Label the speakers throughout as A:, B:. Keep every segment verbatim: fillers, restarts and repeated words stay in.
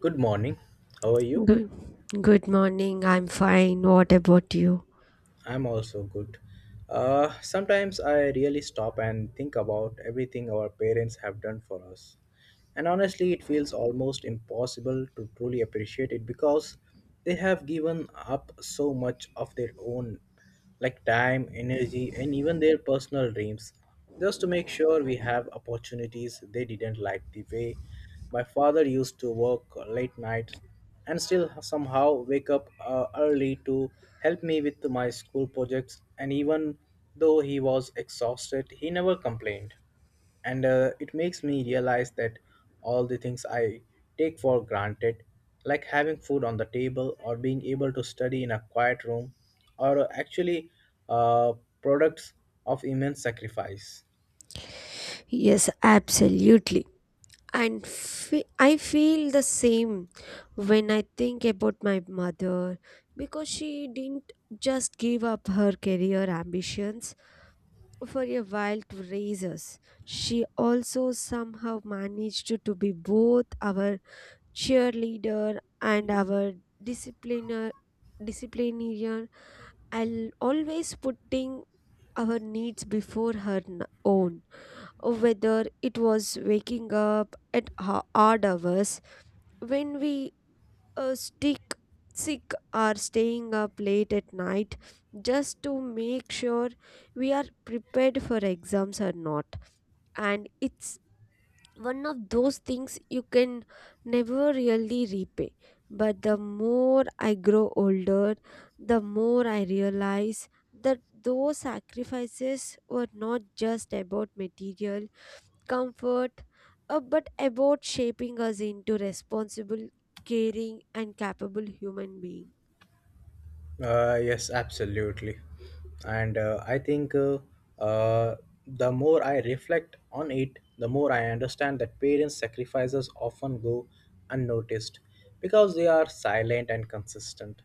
A: Good morning. How are you?
B: Good, good morning. I'm fine. What about you?
A: I'm also good. Uh, sometimes I really stop and think about everything our parents have done for us. And honestly, it feels almost impossible to truly appreciate it because they have given up so much of their own, like time, energy, and even their personal dreams, just to make sure we have opportunities they didn't, like the way my father used to work late nights and still somehow wake up uh, early to help me with my school projects, and even though he was exhausted, he never complained, and uh, it makes me realize that all the things I take for granted, like having food on the table or being able to study in a quiet room, are actually uh, products of immense sacrifice.
B: Yes, absolutely. And fe- I feel the same when I think about my mother because she didn't just give up her career ambitions for a while to raise us. She also somehow managed to, to be both our cheerleader and our discipliner disciplinarian, al- always putting our needs before her n- own, or whether it was waking up at ho- odd hours when we uh, stick sick or staying up late at night just to make sure we are prepared for exams or not, and it's one of those things you can never really repay. But the more I grow older, the more I realize that those sacrifices were not just about material comfort, uh, but about shaping us into responsible, caring, and capable human beings.
A: Uh, yes, absolutely. And uh, I think uh, uh, the more I reflect on it, the more I understand that parents' sacrifices often go unnoticed because they are silent and consistent.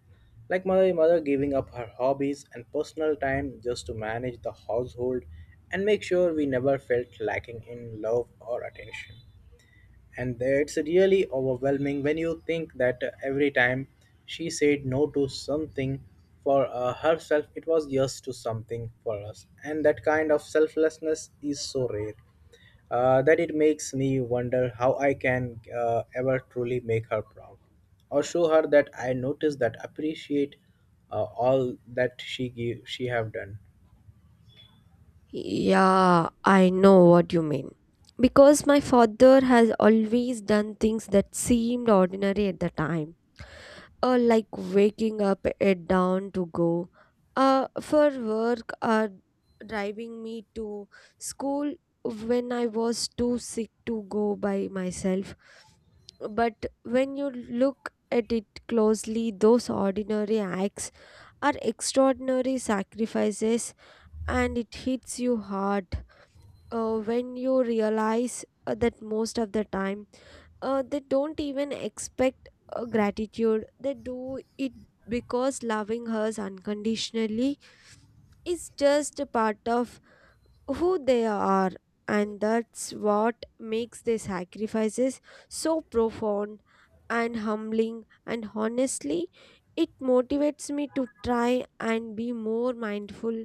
A: Like my mother giving up her hobbies and personal time just to manage the household and make sure we never felt lacking in love or attention. And it's really overwhelming when you think that uh, every time she said no to something for uh, herself, it was yes to something for us. And that kind of selflessness is so rare uh, that it makes me wonder how I can uh, ever truly make her proud or show her that I notice, that appreciate uh, all that she give, she have done.
B: Yeah, I know what you mean. Because my father has always done things that seemed ordinary at the time, uh, like waking up at dawn to go uh, for work, or driving me to school when I was too sick to go by myself. But when you look at it closely, those ordinary acts are extraordinary sacrifices, and it hits you hard uh, when you realize uh, that most of the time uh, they don't even expect uh, gratitude. They do it because loving us unconditionally is just a part of who they are, and that's what makes their sacrifices so profound and humbling. And honestly, it motivates me to try and be more mindful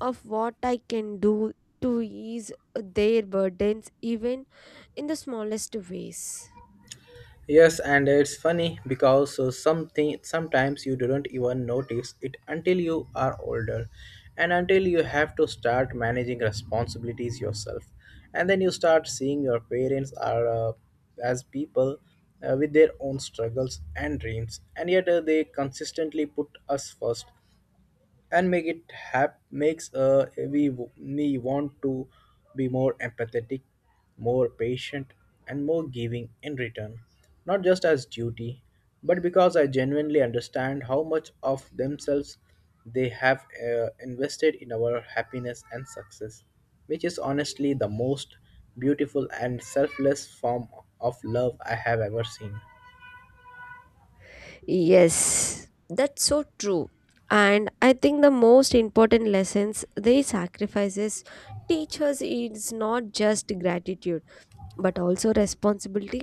B: of what I can do to ease their burdens, even in the smallest ways.
A: Yes, and it's funny because uh, something sometimes you don't even notice it until you are older and until you have to start managing responsibilities yourself. And then you start seeing your parents are uh, as people uh, with their own struggles and dreams, and yet uh, they consistently put us first and make it hap makes uh, we me want to be more empathetic, more patient, and more giving in return, not just as duty but because I genuinely understand how much of themselves they have uh, invested in our happiness and success, which is honestly the most beautiful and selfless form of love I have ever seen.
B: Yes, that's so true. And I think the most important lessons they sacrifices teach us is not just gratitude but also responsibility.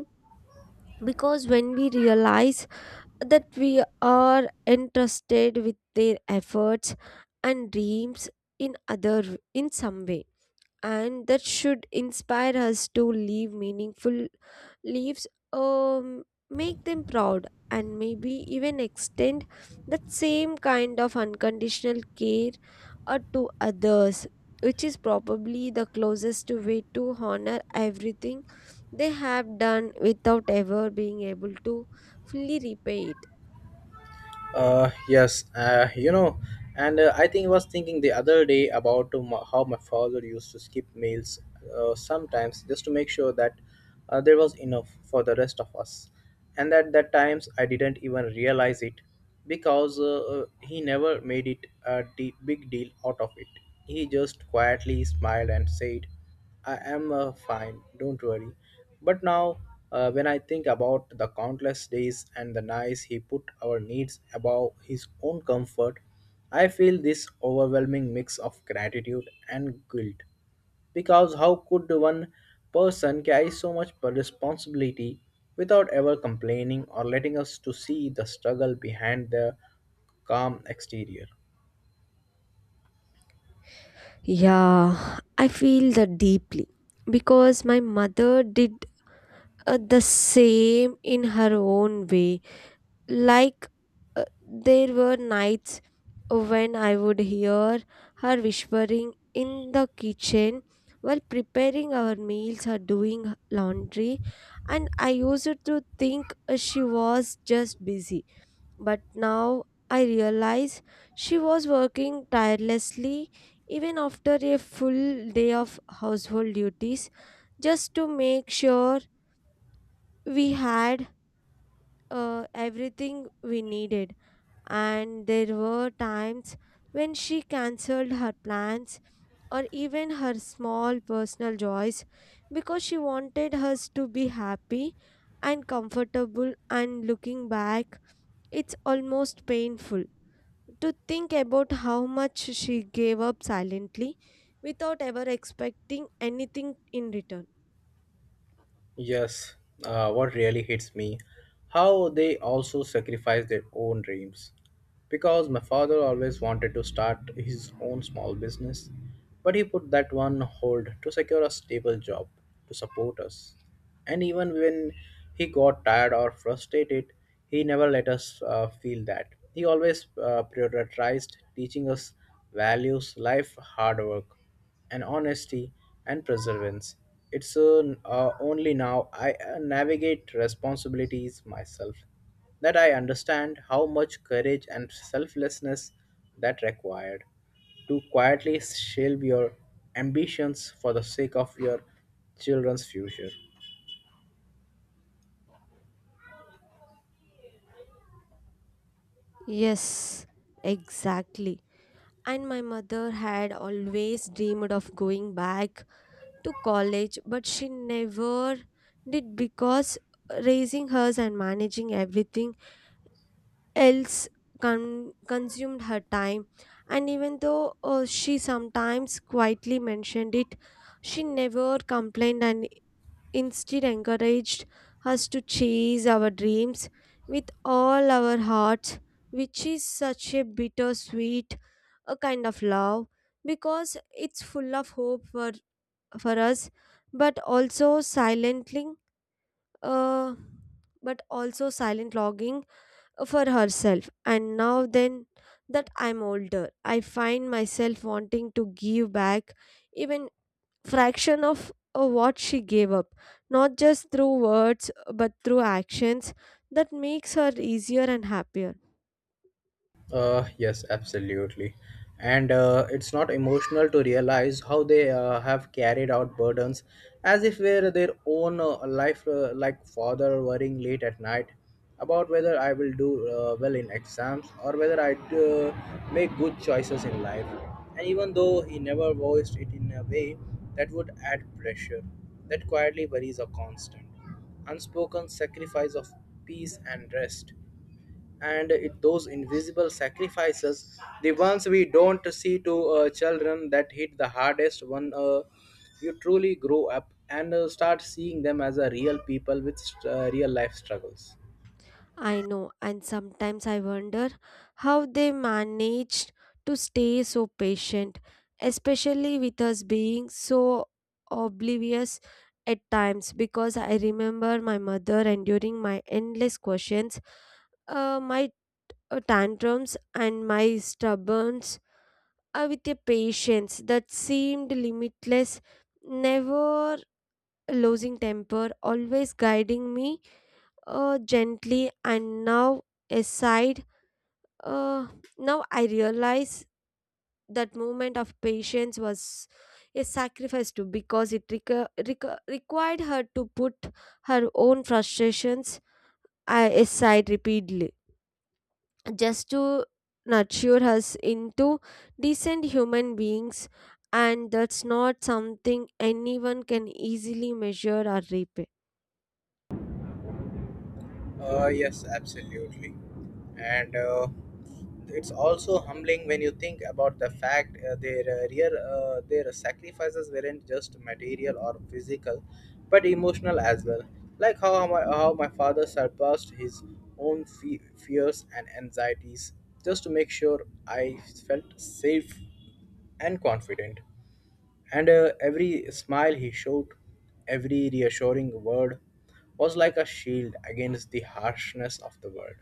B: Because when we realize that we are entrusted with their efforts and dreams in other in some way, and that should inspire us to leave meaningful leaves um, make them proud and maybe even extend that same kind of unconditional care uh, to others, which is probably the closest way to honor everything they have done without ever being able to fully repay it.
A: Uh, yes, uh, you know, and uh, I think I was thinking the other day about uh, my- how my father used to skip meals uh, sometimes just to make sure that uh, there was enough for the rest of us. And at that times I didn't even realize it because uh, uh, he never made it a de- big deal out of it. He just quietly smiled and said, I am uh, fine, don't worry. But now, uh, when I think about the countless days and the nights he put our needs above his own comfort, I feel this overwhelming mix of gratitude and guilt. Because how could one person carry so much responsibility without ever complaining or letting us to see the struggle behind their calm exterior?
B: Yeah, I feel that deeply because my mother did uh, the same in her own way. Like uh, there were nights when I would hear her whispering in the kitchen while preparing our meals or doing laundry, and I used to think uh, she was just busy. But now I realize she was working tirelessly even after a full day of household duties just to make sure we had uh, everything we needed. And there were times when she cancelled her plans or even her small personal joys because she wanted us to be happy and comfortable. And looking back, it's almost painful to think about how much she gave up silently without ever expecting anything in return.
A: Yes, uh, what really hits me, how they also sacrifice their own dreams. Because my father always wanted to start his own small business, but he put that one hold to secure a stable job to support us. And even when he got tired or frustrated, he never let us uh, feel that. He always uh, prioritized teaching us values, life, hard work, and honesty and perseverance. It's uh, uh, only now I uh, navigate responsibilities myself that I understand how much courage and selflessness that required to quietly shelve your ambitions for the sake of your children's future.
B: Yes, exactly. And my mother had always dreamed of going back to college, but she never did because raising hers and managing everything else con- consumed her time. And even though uh, she sometimes quietly mentioned it, she never complained and instead encouraged us to chase our dreams with all our hearts, which is such a bittersweet a kind of love because it's full of hope for for us, but also silently, uh, but also silent logging for herself. And now then that I'm older, I find myself wanting to give back even fraction of uh, what she gave up, not just through words but through actions that makes her easier and happier.
A: Uh, yes, absolutely. And uh, it's not emotional to realize how they uh, have carried out burdens as if were their own uh, life, uh, like father worrying late at night about whether I will do uh, well in exams or whether I uh, make good choices in life. And even though he never voiced it in a way that would add pressure, that quietly worries a constant, unspoken sacrifice of peace and rest. And it, those invisible sacrifices, the ones we don't see to uh, children, that hit the hardest when uh, you truly grow up and uh, start seeing them as a real people with st- uh, real life struggles.
B: I know, and sometimes I wonder how they managed to stay so patient, especially with us being so oblivious at times. Because I remember my mother enduring my endless questions, uh, my uh, tantrums, and my stubbornness uh, with a patience that seemed limitless, never losing temper, always guiding me uh, gently. And now, aside, uh, Now I realize that moment of patience was a sacrifice too, because it requ- requ- required her to put her own frustrations uh, aside repeatedly just to nurture us into decent human beings, and that's not something anyone can easily measure or repay.
A: Uh, yes, absolutely. And uh, it's also humbling when you think about the fact uh, their uh, real, uh, their sacrifices weren't just material or physical but emotional as well, like how my, how my father surpassed his own fe- fears and anxieties just to make sure I felt safe and confident. And uh, every smile he showed, every reassuring word was like a shield against the harshness of the world.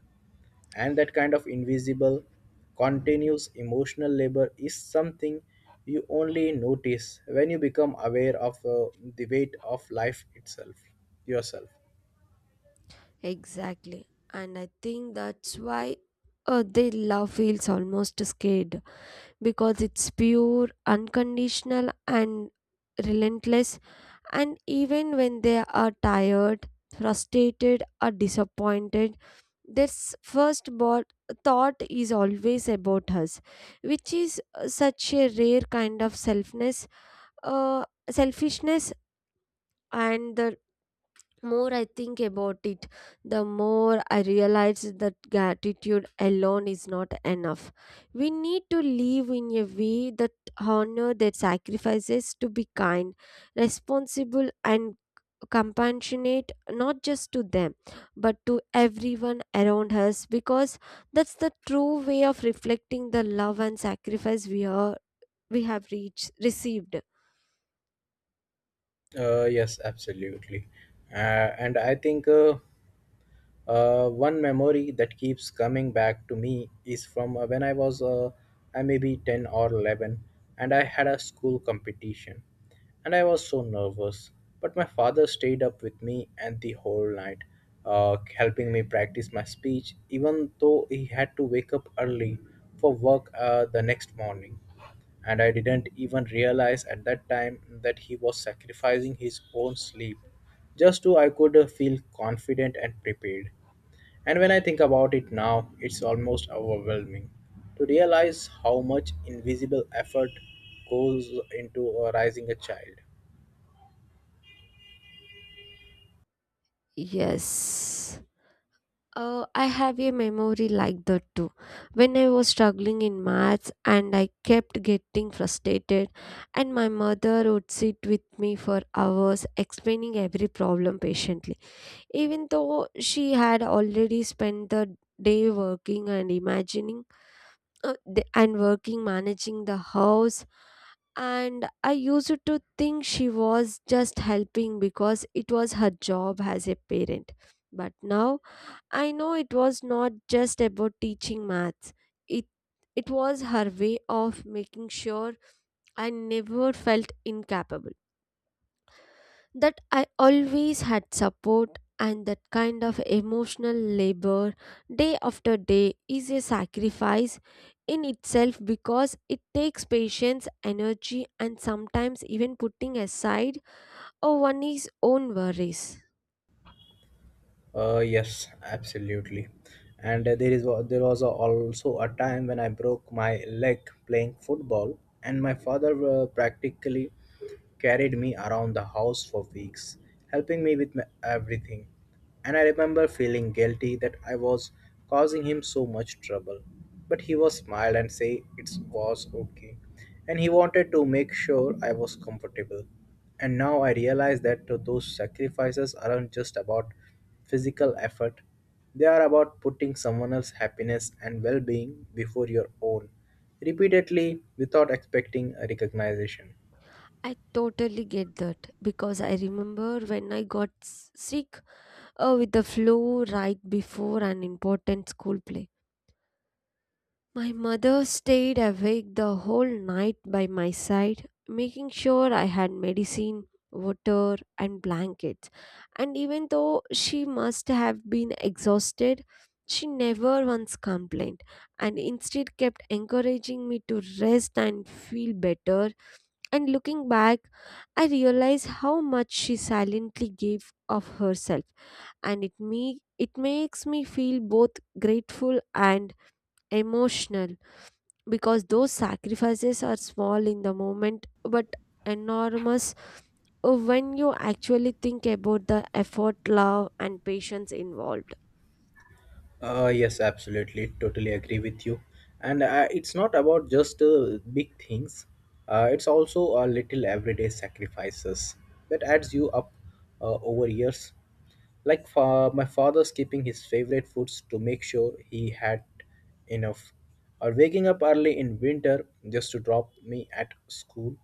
A: And that kind of invisible, continuous emotional labor is something you only notice when you become aware of uh, the weight of life itself yourself.
B: Exactly. And I think that's why uh, their love feels almost scared, because it's pure, unconditional, and relentless. And even when they are tired, frustrated, or disappointed, their s- first bot- thought is always about us, which is uh, such a rare kind of selfness, uh, selfishness. And the more I think about it, the more I realize that gratitude alone is not enough. We need to live in a way that honor their sacrifices, to be kind, responsible, and compassionate, not just to them but to everyone around us, because that's the true way of reflecting the love and sacrifice we are we have reached received.
A: Uh, yes absolutely uh, and I think uh, Uh, one memory that keeps coming back to me is from uh, when I was uh, I maybe ten or eleven, and I had a school competition and I was so nervous. But my father stayed up with me and the whole night, uh, helping me practice my speech, even though he had to wake up early for work uh, the next morning. And I didn't even realize at that time that he was sacrificing his own sleep just to I could uh, feel confident and prepared. And when I think about it now, it's almost overwhelming to realize how much invisible effort goes into uh, raising a child.
B: Yes. Uh, I have a memory like that too. When I was struggling in maths and I kept getting frustrated, and my mother would sit with me for hours explaining every problem patiently, even though she had already spent the day working and imagining uh, the- and working managing the house. And I used to think she was just helping because it was her job as a parent, but now I know it was not just about teaching maths. It it was her way of making sure I never felt incapable, that I always had support, and that kind of emotional labor day after day is a sacrifice in itself, because it takes patience, energy, and sometimes even putting aside or one's own worries.
A: Uh, yes, absolutely. And uh, there is wa- there was a, also a time when I broke my leg playing football, and my father uh, practically carried me around the house for weeks, helping me with my, everything. And I remember feeling guilty that I was causing him so much trouble. But he was smiled and say it was okay, and he wanted to make sure I was comfortable. And now I realize that uh, those sacrifices aren't just about physical effort. They are about putting someone else's happiness and well being before your own, repeatedly without expecting a recognition.
B: I totally get that, because I remember when I got s- sick uh, with the flu right before an important school play. My mother stayed awake the whole night by my side, making sure I had medicine, water, and blankets. And even though she must have been exhausted, she never once complained and instead kept encouraging me to rest and feel better. And looking back, I realized how much she silently gave of herself, and it me it makes me feel both grateful and emotional, because those sacrifices are small in the moment but enormous Uh, when you actually think about the effort, love, and patience involved.
A: Uh, yes, absolutely. Totally agree with you. And uh, it's not about just uh, big things, uh, it's also a little everyday sacrifices that adds you up uh, over years. Like for my father skipping his favorite foods to make sure he had enough, or waking up early in winter just to drop me at school,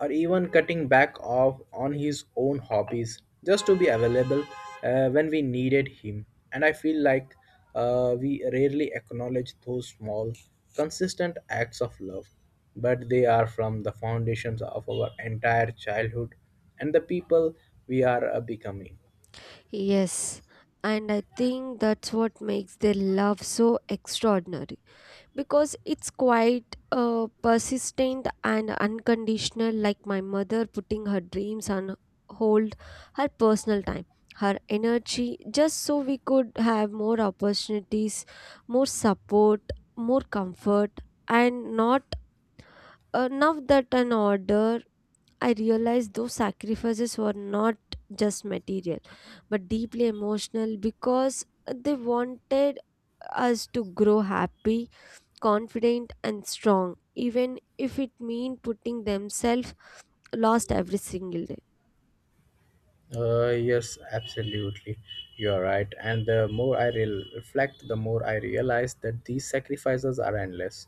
A: or even cutting back off on his own hobbies just to be available uh, when we needed him. And I feel like uh, we rarely acknowledge those small, consistent acts of love, but they are from the foundations of our entire childhood and the people we are uh, becoming.
B: Yes, and I think that's what makes their love so extraordinary, because it's quite uh, persistent and unconditional, like my mother putting her dreams on hold, her personal time, her energy, just so we could have more opportunities, more support, more comfort. And not enough that an order, I realized those sacrifices were not just material but deeply emotional, because they wanted us to grow happy, confident, and strong, even if it means putting themselves lost every single day.
A: Uh, yes, absolutely. You are right. And the more I re- reflect, the more I realize that these sacrifices are endless,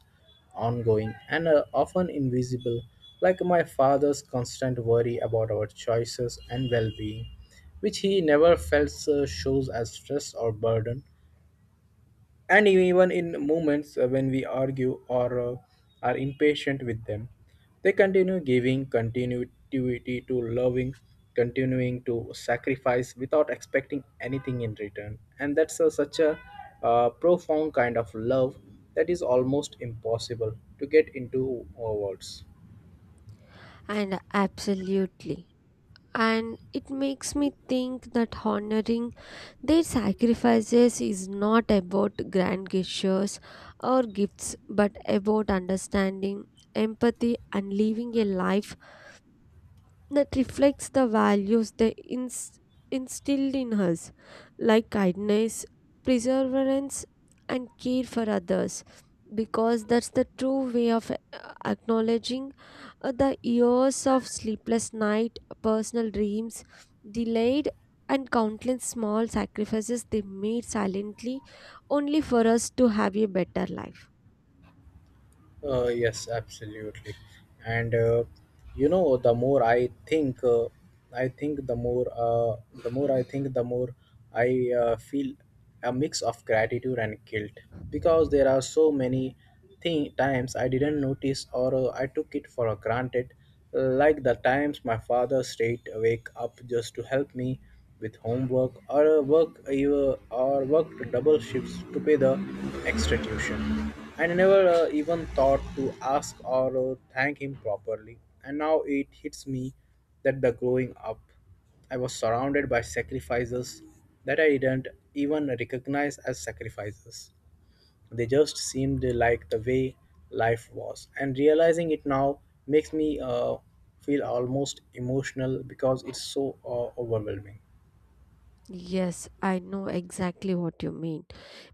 A: ongoing, and uh, often invisible, like my father's constant worry about our choices and well being, which he never felt uh, shows as stress or burden. And even in moments uh, when we argue or uh, are impatient with them, they continue giving continuity to loving continuing to sacrifice without expecting anything in return. And that's a, such a uh, profound kind of love that is almost impossible to get into uh, words.
B: And absolutely. And it makes me think that honoring their sacrifices is not about grand gestures or gifts, but about understanding, empathy, and living a life that reflects the values they ins- instilled in us, like kindness, perseverance, and care for others, because that's the true way of uh, acknowledging uh, the years of sleepless night, personal dreams, delayed, and countless small sacrifices they made silently only for us to have a better life.
A: Uh, yes, absolutely. And uh, you know, the more I think, uh, I think the more, uh, the more I think, the more I uh, feel a mix of gratitude and guilt, because there are so many thi- times I didn't notice or uh, I took it for granted, like the times my father stayed awake up just to help me with homework or work even, or worked double shifts to pay the extra tuition. I never uh, even thought to ask or uh, thank him properly, and now it hits me that the growing up, I was surrounded by sacrifices that I didn't even recognize as sacrifices. They just seemed like the way life was, and realizing it now makes me uh, feel almost emotional because it's so uh, overwhelming.
B: Yes, I know exactly what you mean.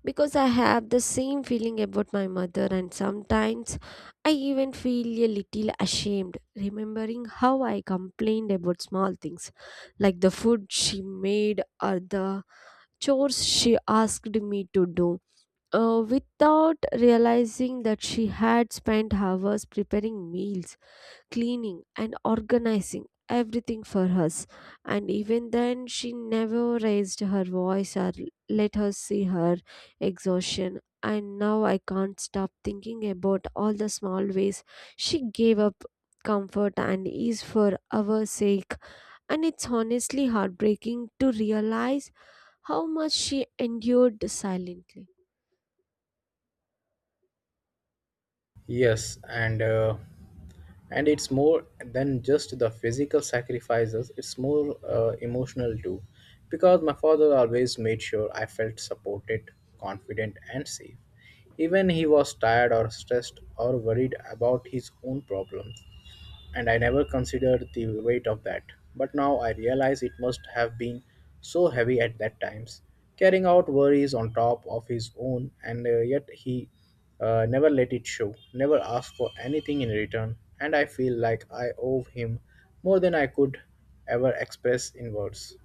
B: Because I have the same feeling about my mother, and sometimes I even feel a little ashamed remembering how I complained about small things, like the food she made or the chores she asked me to do. Uh, without realizing that she had spent hours preparing meals, cleaning and organizing everything for us, and even then she never raised her voice or let us see her exhaustion. And now I can't stop thinking about all the small ways she gave up comfort and ease for our sake, and it's honestly heartbreaking to realize how much she endured silently.
A: Yes, and uh, and it's more than just the physical sacrifices. It's more uh, emotional too, because my father always made sure I felt supported, confident, and safe, even he was tired or stressed or worried about his own problems, and I never considered the weight of that. But now I realize it must have been so heavy at that times, carrying out worries on top of his own, and uh, yet he uh, never let it show, never asked for anything in return, and I feel like I owe him more than I could ever express in words.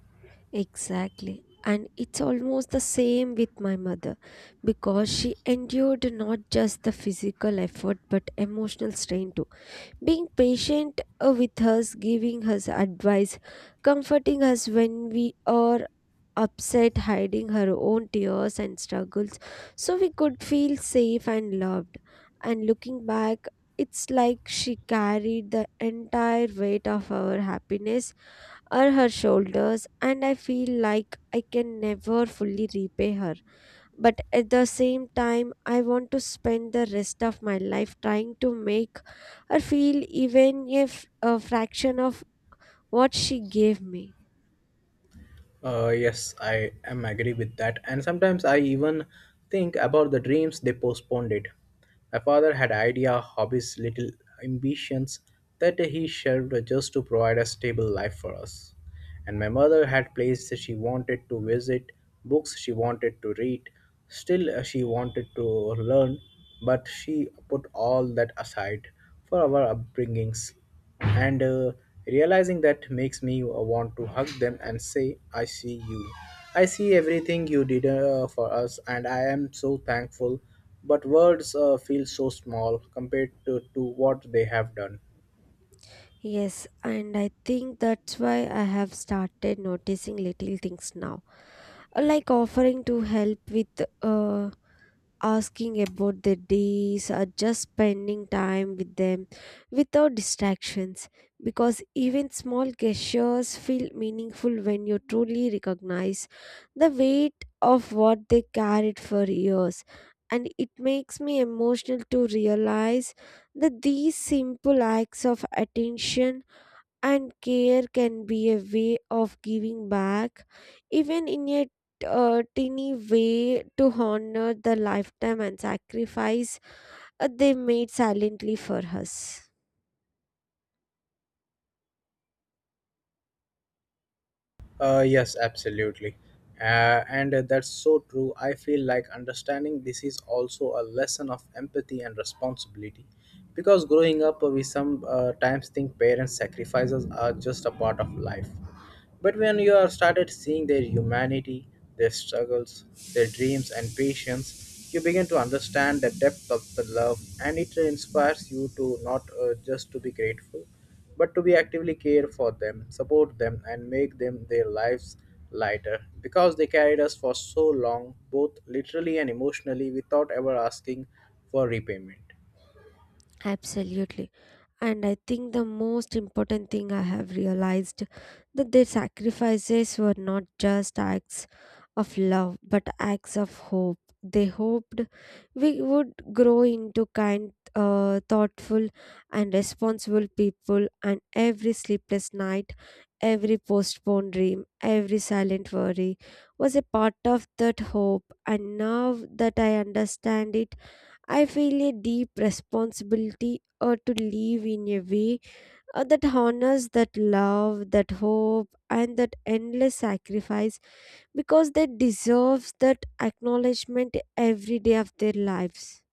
B: Exactly. And it's almost the same with my mother, because she endured not just the physical effort but emotional strain too. Being patient uh, with us, giving us advice, comforting us when we are upset, hiding her own tears and struggles so we could feel safe and loved. And looking back, it's like she carried the entire weight of our happiness or her shoulders, and I feel like I can never fully repay her. But at the same time, I want to spend the rest of my life trying to make her feel even if a fraction of what she gave me.
A: Uh, yes, I am agree with that. And sometimes I even think about the dreams they postponed it. My father had idea, hobbies, little ambitions that he shared just to provide a stable life for us. And my mother had places she wanted to visit, books she wanted to read. Still, uh, she wanted to learn, but she put all that aside for our upbringings and uh, realizing that makes me want to hug them and say, "I see you, I see everything you did uh, for us, and I am so thankful, but words uh, feel so small compared to, to what they have done."
B: Yes, and I think that's why I have started noticing little things now, like offering to help with uh, asking about their days, or just spending time with them without distractions, because even small gestures feel meaningful when you truly recognize the weight of what they carried for years. And it makes me emotional to realize that these simple acts of attention and care can be a way of giving back, even in a uh, tiny way, to honor the lifetime and sacrifice uh, they made silently for us.
A: Uh, yes, absolutely. Uh, and uh, That's so true. I feel like understanding this is also a lesson of empathy and responsibility. Because growing up, uh, we sometimes think parents' sacrifices are just a part of life. But when you are started seeing their humanity, their struggles, their dreams, and patience, you begin to understand the depth of the love, and it inspires you to not uh, just to be grateful, but to be actively care for them, support them, and make them their lives lighter because they carried us for so long, both literally and emotionally, without ever asking for repayment.
B: Absolutely. And I think the most important thing I have realized that their sacrifices were not just acts of love but acts of hope. They hoped we would grow into kind, uh, thoughtful, and responsible people, and every sleepless night, every postponed dream, every silent worry was a part of that hope. And now that I understand it, I feel a deep responsibility uh, to live in a way uh, that honors that love, that hope, and that endless sacrifice, because they deserve that acknowledgement every day of their lives.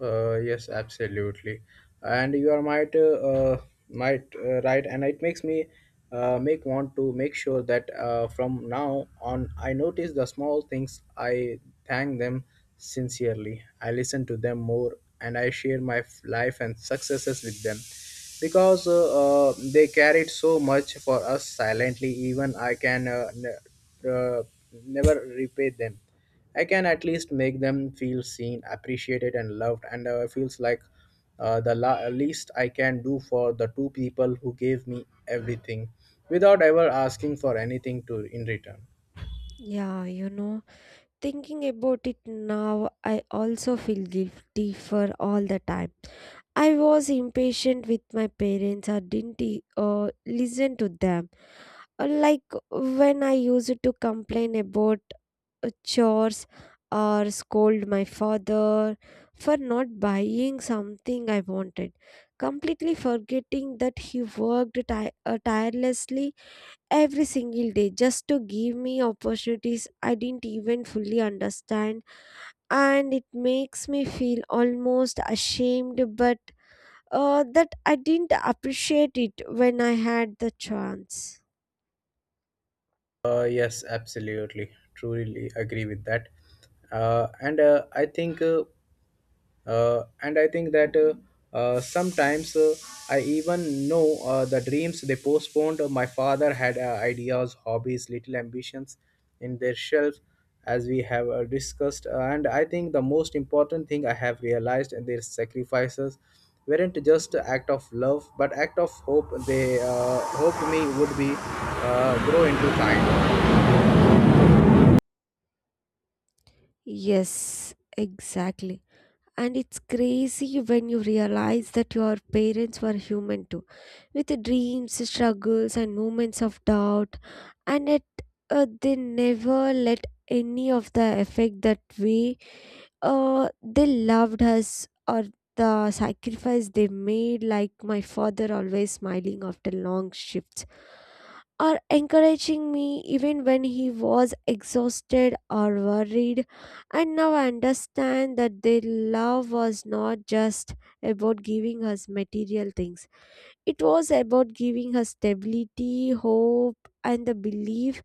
A: Uh, yes, absolutely, and you are might uh, uh, might uh, right, and it makes me uh, make want to make sure that uh, from now on I notice the small things. I thank them sincerely. I listen to them more, and I share my f- life and successes with them because uh, uh, they carried so much for us silently. Even I can uh, ne- uh, never repay them, I can at least make them feel seen, appreciated, and loved. And uh, it feels like uh, the la- least I can do for the two people who gave me everything without ever asking for anything to in return.
B: Yeah, you know, thinking about it now, I also feel guilty for all the time. I was impatient with my parents or didn't e- uh, listen to them. Uh, Like when I used to complain about uh, chores, or scold my father for not buying something I wanted, completely forgetting that he worked ti- uh, tirelessly every single day just to give me opportunities I didn't even fully understand. And it makes me feel almost ashamed, but uh, that I didn't appreciate it when I had the chance.
A: Uh, yes, absolutely. Truly agree with that. Uh, and uh, I think. Uh, uh, and I think that uh, uh, sometimes uh, I even know uh, the dreams they postponed. Uh, my father had uh, ideas, hobbies, little ambitions in their shelf, as we have uh, discussed. Uh, and I think the most important thing I have realized in their sacrifices weren't just act of love but act of hope. They uh, hoped me would be uh, grow into kind.
B: Yes, exactly. And it's crazy when you realize that your parents were human too, with dreams, struggles, and moments of doubt. And it, uh, they never let any of the effect that way uh, they loved us or the sacrifice they made, like my father always smiling after long shifts or encouraging me even when he was exhausted or worried. And now I understand that their love was not just about giving us material things, it was about giving us stability, hope, and the belief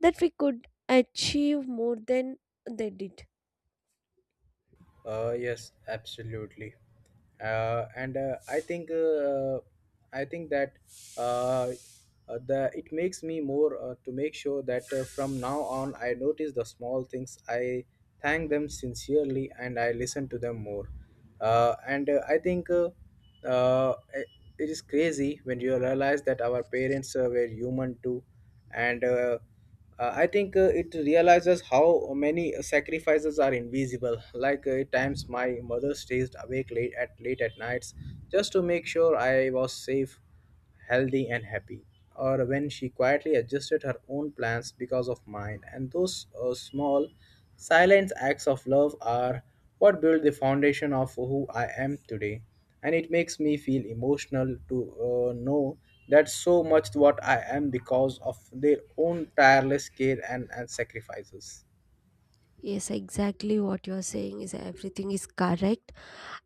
B: that we could achieve more than they did.
A: Uh, yes, absolutely. Uh, and uh, I think uh, I think that uh, uh, the it makes me more uh, to make sure that uh, from now on I notice the small things. I thank them sincerely and I listen to them more. Uh, and uh, I think uh, uh, it It is crazy when you realize that our parents uh, were human too, and. Uh, uh, I think uh, it realizes how many sacrifices are invisible, like uh, at times my mother stays awake late at late at nights just to make sure I was safe, healthy, and happy, or when she quietly adjusted her own plans because of mine, and those uh, small silent acts of love are what build the foundation of who I am today, and it makes me feel emotional to uh, know that so much what I am because of their own tireless care and, and sacrifices.
B: Yes, exactly what you're saying is everything is correct.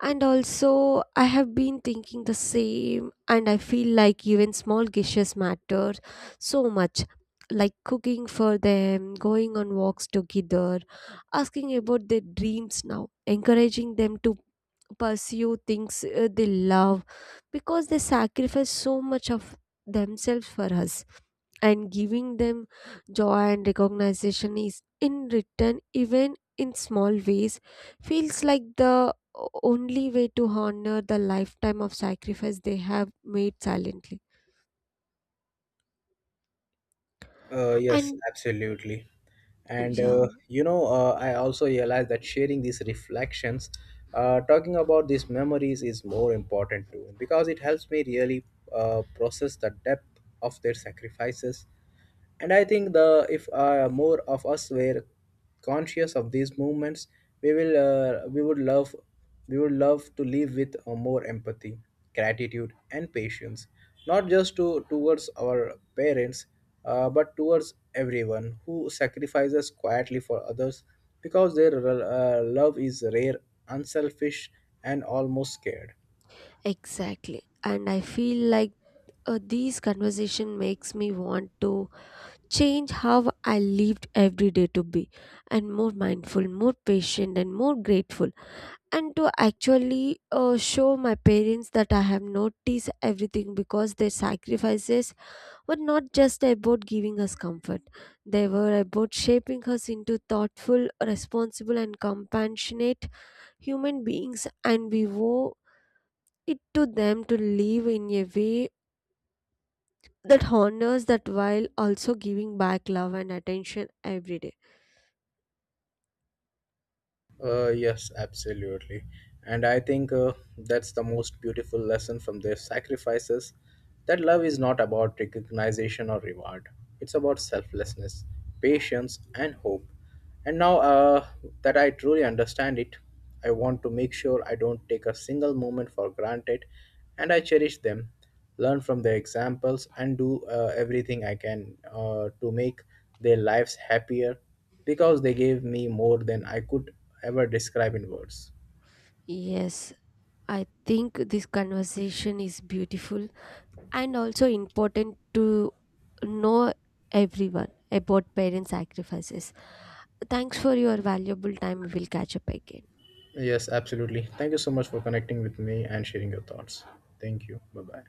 B: And also, I have been thinking the same, and I feel like even small gestures matter so much. Like cooking for them, going on walks together, asking about their dreams now, encouraging them to pursue things uh, they love, because they sacrifice so much of themselves for us, and giving them joy and recognition is in return, even in small ways, feels like the o- only way to honor the lifetime of sacrifice they have made silently.
A: uh, Yes,
B: And
A: absolutely. And
B: yeah,
A: uh, you know uh, I also realized that sharing these reflections, uh, talking about these memories is more important too because it helps me really uh, process the depth of their sacrifices. And I think the if uh, more of us were conscious of these movements, we will uh, we would love we would love to live with uh, more empathy, gratitude, and patience, not just to towards our parents, uh, but towards everyone who sacrifices quietly for others because their uh, love is rare, unselfish, and almost scared.
B: exactly, and I feel like uh, these conversation makes me want to change how I lived every day to be and more mindful, more patient, and more grateful. And to actually uh, show my parents that I have noticed everything, because their sacrifices were not just about giving us comfort, they were about shaping us into thoughtful, responsible, and compassionate human beings. And we owe it to them to live in a way that honors that while also giving back love and attention every day.
A: Uh, yes, absolutely. And I think uh, that's the most beautiful lesson from their sacrifices, that love is not about recognition or reward, it's about selflessness, patience, and hope. And now uh, that I truly understand it, I want to make sure I don't take a single moment for granted, and I cherish them, learn from their examples, and do uh, everything I can uh, to make their lives happier because they gave me more than I could ever describe in words.
B: Yes, I think this conversation is beautiful and also important to know everyone about parent sacrifices. Thanks for your valuable time. We will catch up again.
A: Yes, absolutely. Thank you so much for connecting with me and sharing your thoughts. Thank you. Bye bye.